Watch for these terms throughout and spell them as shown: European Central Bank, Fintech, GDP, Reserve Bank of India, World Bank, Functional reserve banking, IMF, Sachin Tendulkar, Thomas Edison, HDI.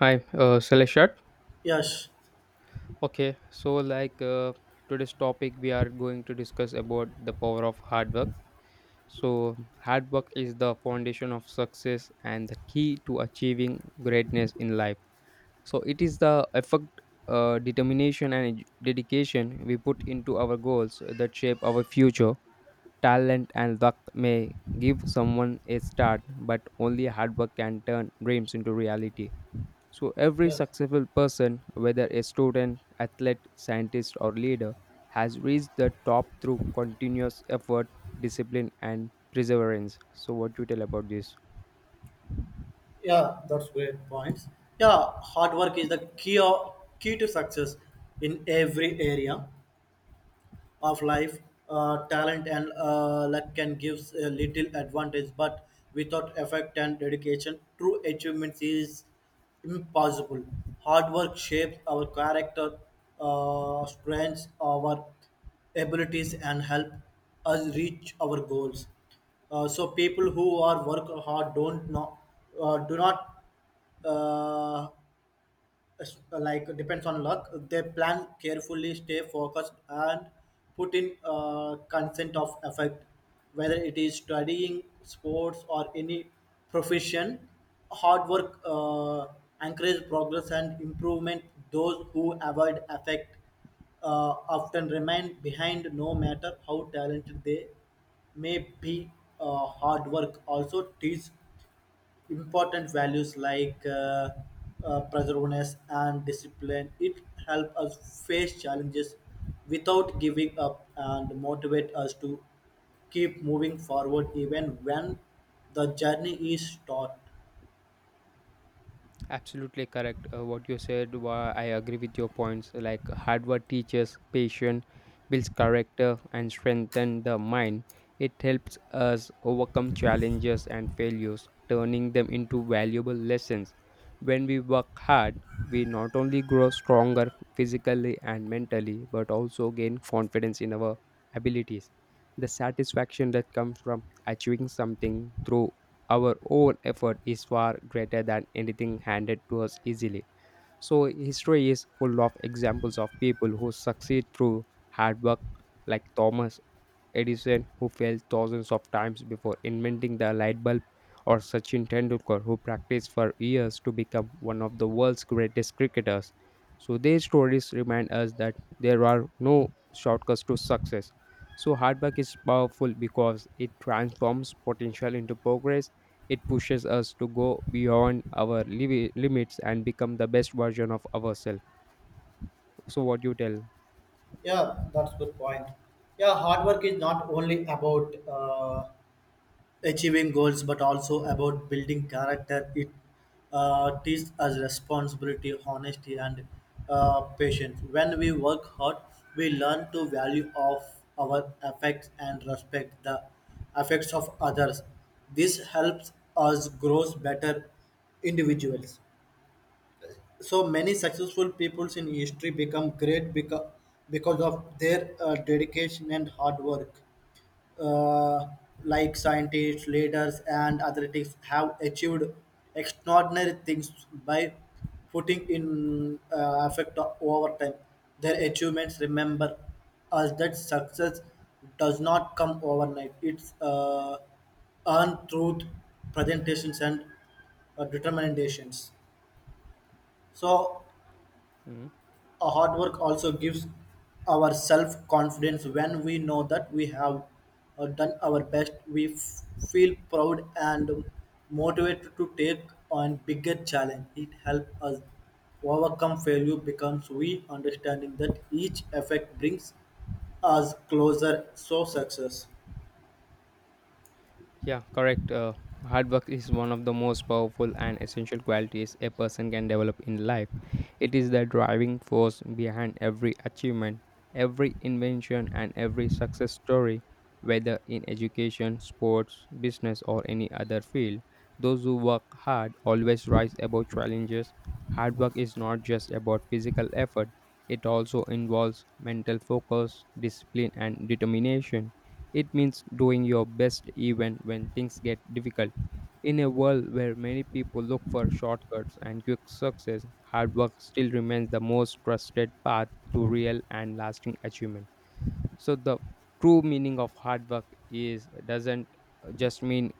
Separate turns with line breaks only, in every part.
Hi, Celestia.
Yes,
Okay, so today's topic, we are going to discuss about the power of hard work. So, hard work is the foundation of success and the key to achieving greatness in life. So, it is the effort, determination, and dedication we put into our goals that shape our future. Talent and luck may give someone a start, but only hard work can turn dreams into reality. So, every
yes,
successful person, whether a student, athlete, scientist, or leader, has reached the top through continuous effort, discipline, and perseverance. So, what do you tell about this?
yeah, yeah, that's great points. Yeah, hard work is key to success in every area of life, talent and luck can give a little advantage, but without effort and dedication, true achievement is impossible. Hard work shapes our character, strengths our abilities, and help us reach our goals. So people who are work hard don't know, do not uh, like depends on luck, they plan carefully, stay focused and put in consent of effect, whether it is studying, sports or any profession. Hard work encourage progress and improvement. Those who avoid effect often remain behind no matter how talented they may be. Hard work also teaches important values like perseverance and discipline. It helps us face challenges without giving up and motivate us to keep moving forward even when the journey is short.
Absolutely correct. What you said, I agree with your points. Like hard work teaches patience, builds character, and strengthens the mind. It helps us overcome challenges and failures, turning them into valuable lessons. When we work hard, we not only grow stronger physically and mentally, but also gain confidence in our abilities. The satisfaction that comes from achieving something through our own effort is far greater than anything handed to us easily. So, history is full of examples of people who succeed through hard work, like Thomas Edison, who failed thousands of times before inventing the light bulb, or Sachin Tendulkar, who practiced for years to become one of the world's greatest cricketers. So, their stories remind us that there are no shortcuts to success. So, hard work is powerful because it transforms potential into progress, it pushes us to go beyond our limits and become the best version of ourselves. So, what do you tell?
Yeah, that's a good point. Yeah, hard work is not only about achieving goals, but also about building character. It teaches us responsibility, honesty, and patience. When we work hard, we learn to value of our effects and respect the effects of others. This helps us grow better individuals. So many successful peoples in history become great because of their dedication and hard work, uh, like scientists, leaders, and athletics have achieved extraordinary things by putting in effect over time. Their achievements remember us that success does not come overnight. It's earned through presentations and determinations. So
Hmm?
a hard work also gives our self confidence when we know that we have done our best. We feel proud and motivated to take on bigger challenge. It helps us overcome failure becomes we understanding that each effect brings us closer so success.
Yeah, correct. Hard work is one of the most powerful and essential qualities a person can develop in life. It is the driving force behind every achievement, every invention, and every success story, whether in education, sports, business, or any other field. Those who work hard always rise above challenges. Hard work is not just about physical effort, it also involves mental focus, discipline, and determination. It means doing your best even when things get difficult. In a world where many people look for shortcuts and quick success, hard work still remains the most trusted path to real and lasting achievement. So the true meaning of hard work is doesn't just mean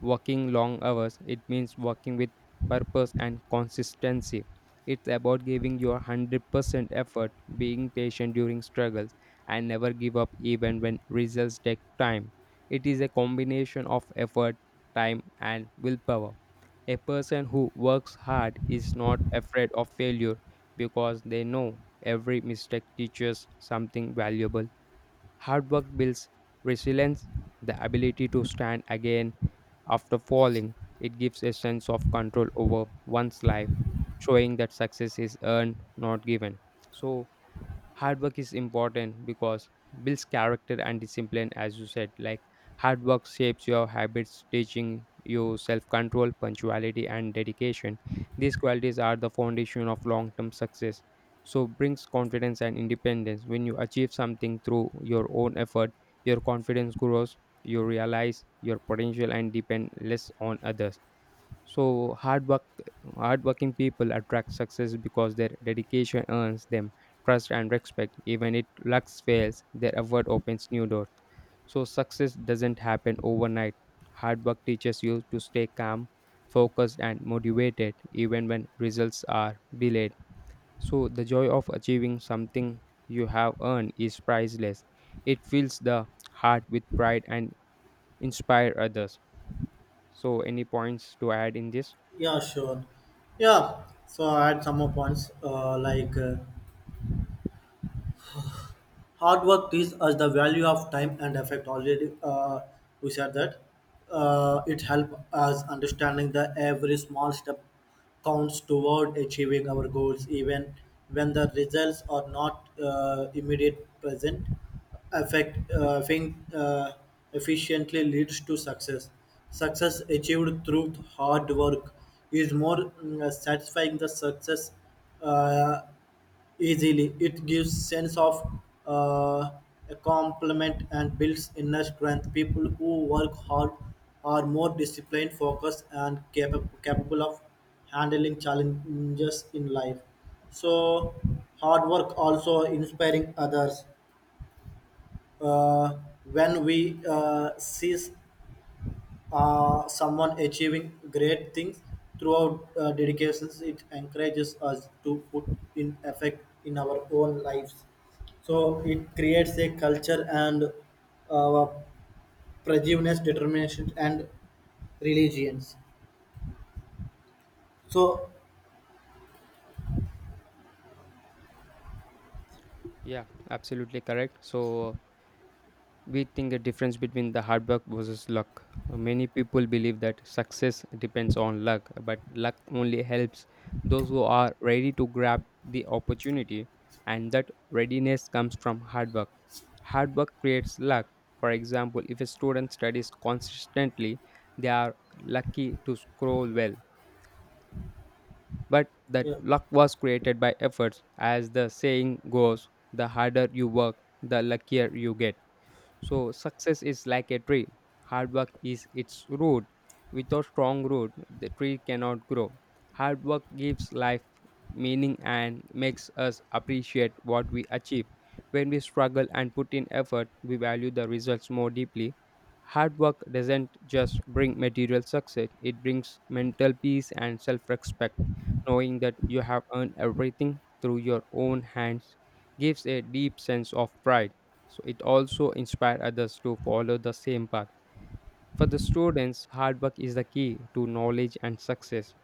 working long hours. It means working with purpose and consistency. It's about giving your 100% effort, being patient during struggles, and never give up even when results take time. It is a combination of effort, time, and willpower. A person who works hard is not afraid of failure because they know every mistake teaches something valuable. Hard work builds resilience, the ability to stand again after falling, it gives a sense of control over one's life, showing that success is earned, not given. So, hard work is important because builds character and discipline, as you said, like hard work shapes your habits, teaching you self-control, punctuality, and dedication. These qualities are the foundation of long-term success, so brings confidence and independence. When you achieve something through your own effort, your confidence grows, you realize your potential and depend less on others. So hardworking people attract success because their dedication earns them trust and respect. Even if luck fails, their effort opens new doors. So success doesn't happen overnight. Hard work teaches you to stay calm, focused, and motivated even when results are delayed. So the joy of achieving something you have earned is priceless. It fills the heart with pride and inspire others. So any points to add in this?
Yeah, sure. Yeah, so I had some more points, hard work teaches us the value of time and effort. Already, we said that it helps us understanding that every small step counts toward achieving our goals, even when the results are not immediate present. Effect, think, efficiently leads to success. Success achieved through hard work is more satisfying the success. Uh, Easily, it gives sense of uh, a compliment and builds inner strength. People who work hard are more disciplined, focused, and capable of handling challenges in life. So, hard work also inspiring others. Uh, when we see someone achieving great things throughout dedications, it encourages us to put in effect in our own lives, so it creates a culture and uh, prejudice, determination and religions. So
Yeah, absolutely correct. So we think the difference between the hard work versus luck. Many people believe that success depends on luck, but luck only helps those who are ready to grab the opportunity, and that readiness comes from hard work. Hard work creates luck. For example, if a student studies consistently, they are lucky to scroll well. But that
yeah,
luck was created by efforts. As the saying goes, the harder you work, the luckier you get. So success is like a tree. Hard work is its root. Without strong root, the tree cannot grow. Hard work gives life meaning and makes us appreciate what we achieve. When we struggle and put in effort, we value the results more deeply. Hard work doesn't just bring material success, it brings mental peace and self respect. Knowing that you have earned everything through your own hands gives a deep sense of pride. So it also inspired others to follow the same path. For the students, hard work is the key to knowledge and success.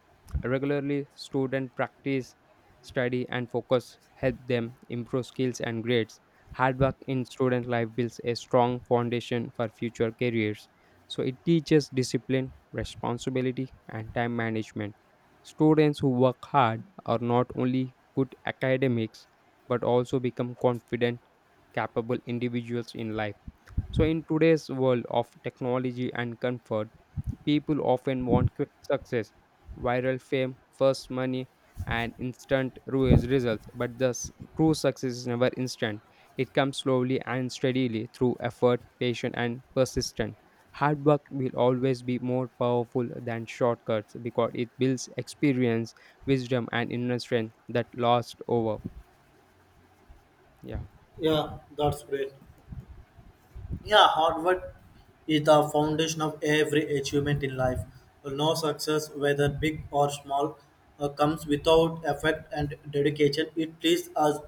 Regularly, student practice, study, and focus help them improve skills and grades. Hard work in student life builds a strong foundation for future careers. So it teaches discipline, responsibility, and time management. Students who work hard are not only good academics but also become confident, capable individuals in life. So, in today's world of technology and comfort, people often want quick success, viral fame, first money, and instant results. True success is never instant. It comes slowly and steadily through effort, patience, and persistence. Hard work will always be more powerful than shortcuts because it builds experience, wisdom, and inner strength that lasts over. Yeah.
yeah, that's great. Yeah, hard work is the foundation of every achievement in life. No success, whether big or small, comes without effort and dedication. It leaves us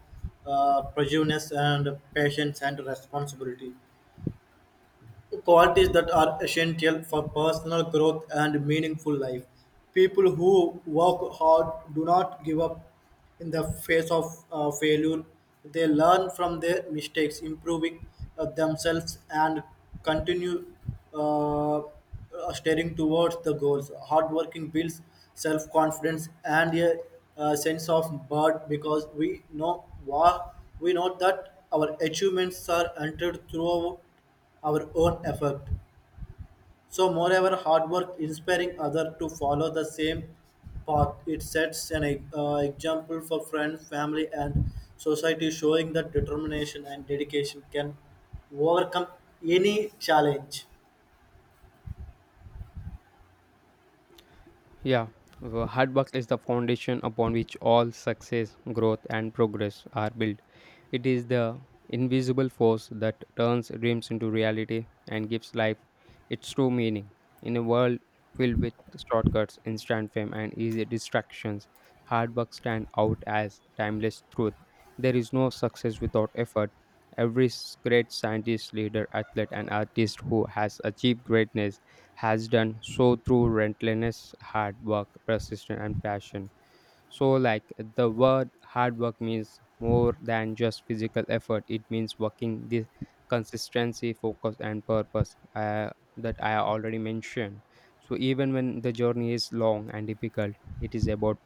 perseverance and patience and responsibility, qualities that are essential for personal growth and meaningful life. People who work hard do not give up in the face of failure. They learn from their mistakes, improving themselves, and continue uh, uh, staring towards the goals. Hard working builds self confidence and a, sense of pride because we know that our achievements are entered through our own effort. So, moreover, hard work inspiring others to follow the same path. It sets an example for friends, family, and society, showing that determination and dedication can overcome any challenge.
Yeah, hard work is the foundation upon which all success, growth, and progress are built. It is the invisible force that turns dreams into reality and gives life its true meaning. In a world filled with shortcuts, instant fame, and easy distractions, hard work stands out as timeless truth. There is no success without effort. Great scientist, leader, athlete, and artist who has achieved greatness has done so through relentless hard work, persistence, and passion. So, like the word hard work means more than just physical effort, it means working this consistency, focus, and purpose, that I already mentioned. So, even when the journey is long and difficult, it is about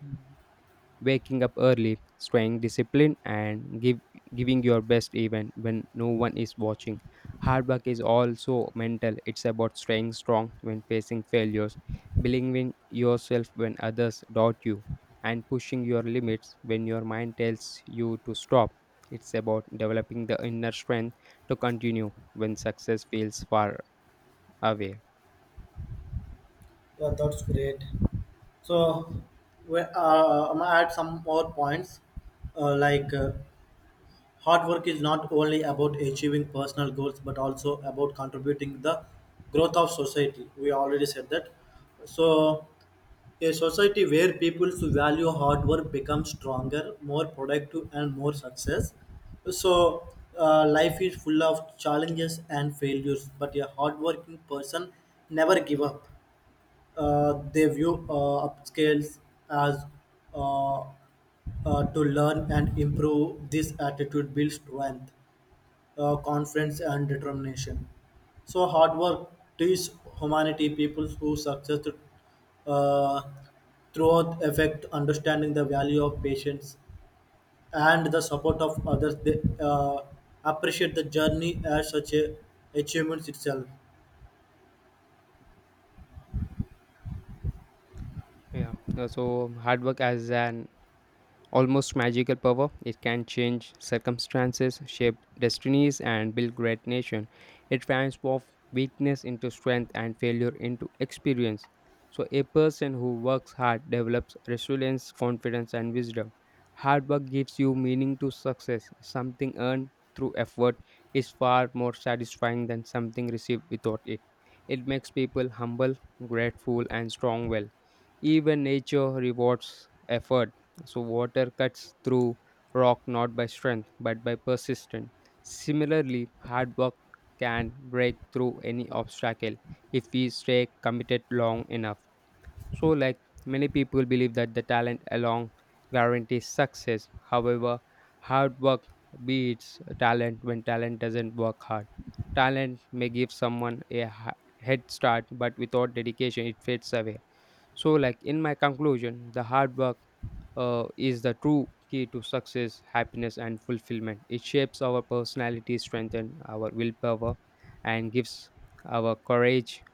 waking up early, staying disciplined, and giving your best even when no one is watching. Hard work is also mental. It's about staying strong when facing failures, believing yourself when others doubt you, and pushing your limits when your mind tells you to stop. It's about developing the inner strength to continue when success feels far away.
Yeah, that's great. So, I'm gonna add some more points, uh, like. Uh, hard work is not only about achieving personal goals but also about contributing the growth of society. We already said that. So a society where people value hard work becomes stronger, more productive and more success. So life is full of challenges and failures, but a hardworking person never give up. They view upscales as uh, to learn and improve. This attitude builds strength, confidence, and determination. So, hard work teaches humanity, people who success uh, throughout effect, understanding the value of patience and the support of others. They appreciate the journey as such a achievement itself.
Yeah. So hard work as an almost magical power. It can change circumstances, shape destinies, and build great nation. It transforms weakness into strength and failure into experience. So a person who works hard develops resilience, confidence, and wisdom. Hard work gives you meaning to success. Something earned through effort is far more satisfying than something received without it. It makes people humble, grateful, and strong well. Even nature rewards effort, so water cuts through rock not by strength but by persistence. Similarly, hard work can break through any obstacle if we stay committed long enough. So like many people believe that the talent alone guarantees success. However, hard work beats talent when talent doesn't work hard. Talent may give someone a head start, but without dedication, it fades away. So, like in my conclusion, the hard work is the true key to success, happiness, and fulfillment. It shapes our personality, strengthens our willpower, and gives our courage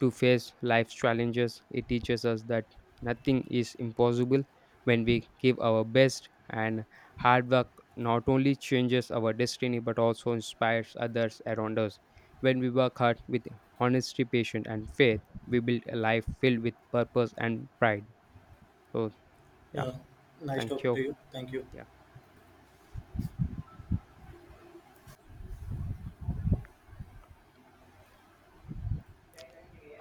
to face life's challenges. It teaches us that nothing is impossible when we give our best, and hard work not only changes our destiny but also inspires others around us. When we work hard with honesty, patience, and faith, we build a life filled with purpose and pride. So, yeah,
Yeah, nice
thank
talking
you.
to you. Thank you.
Yeah.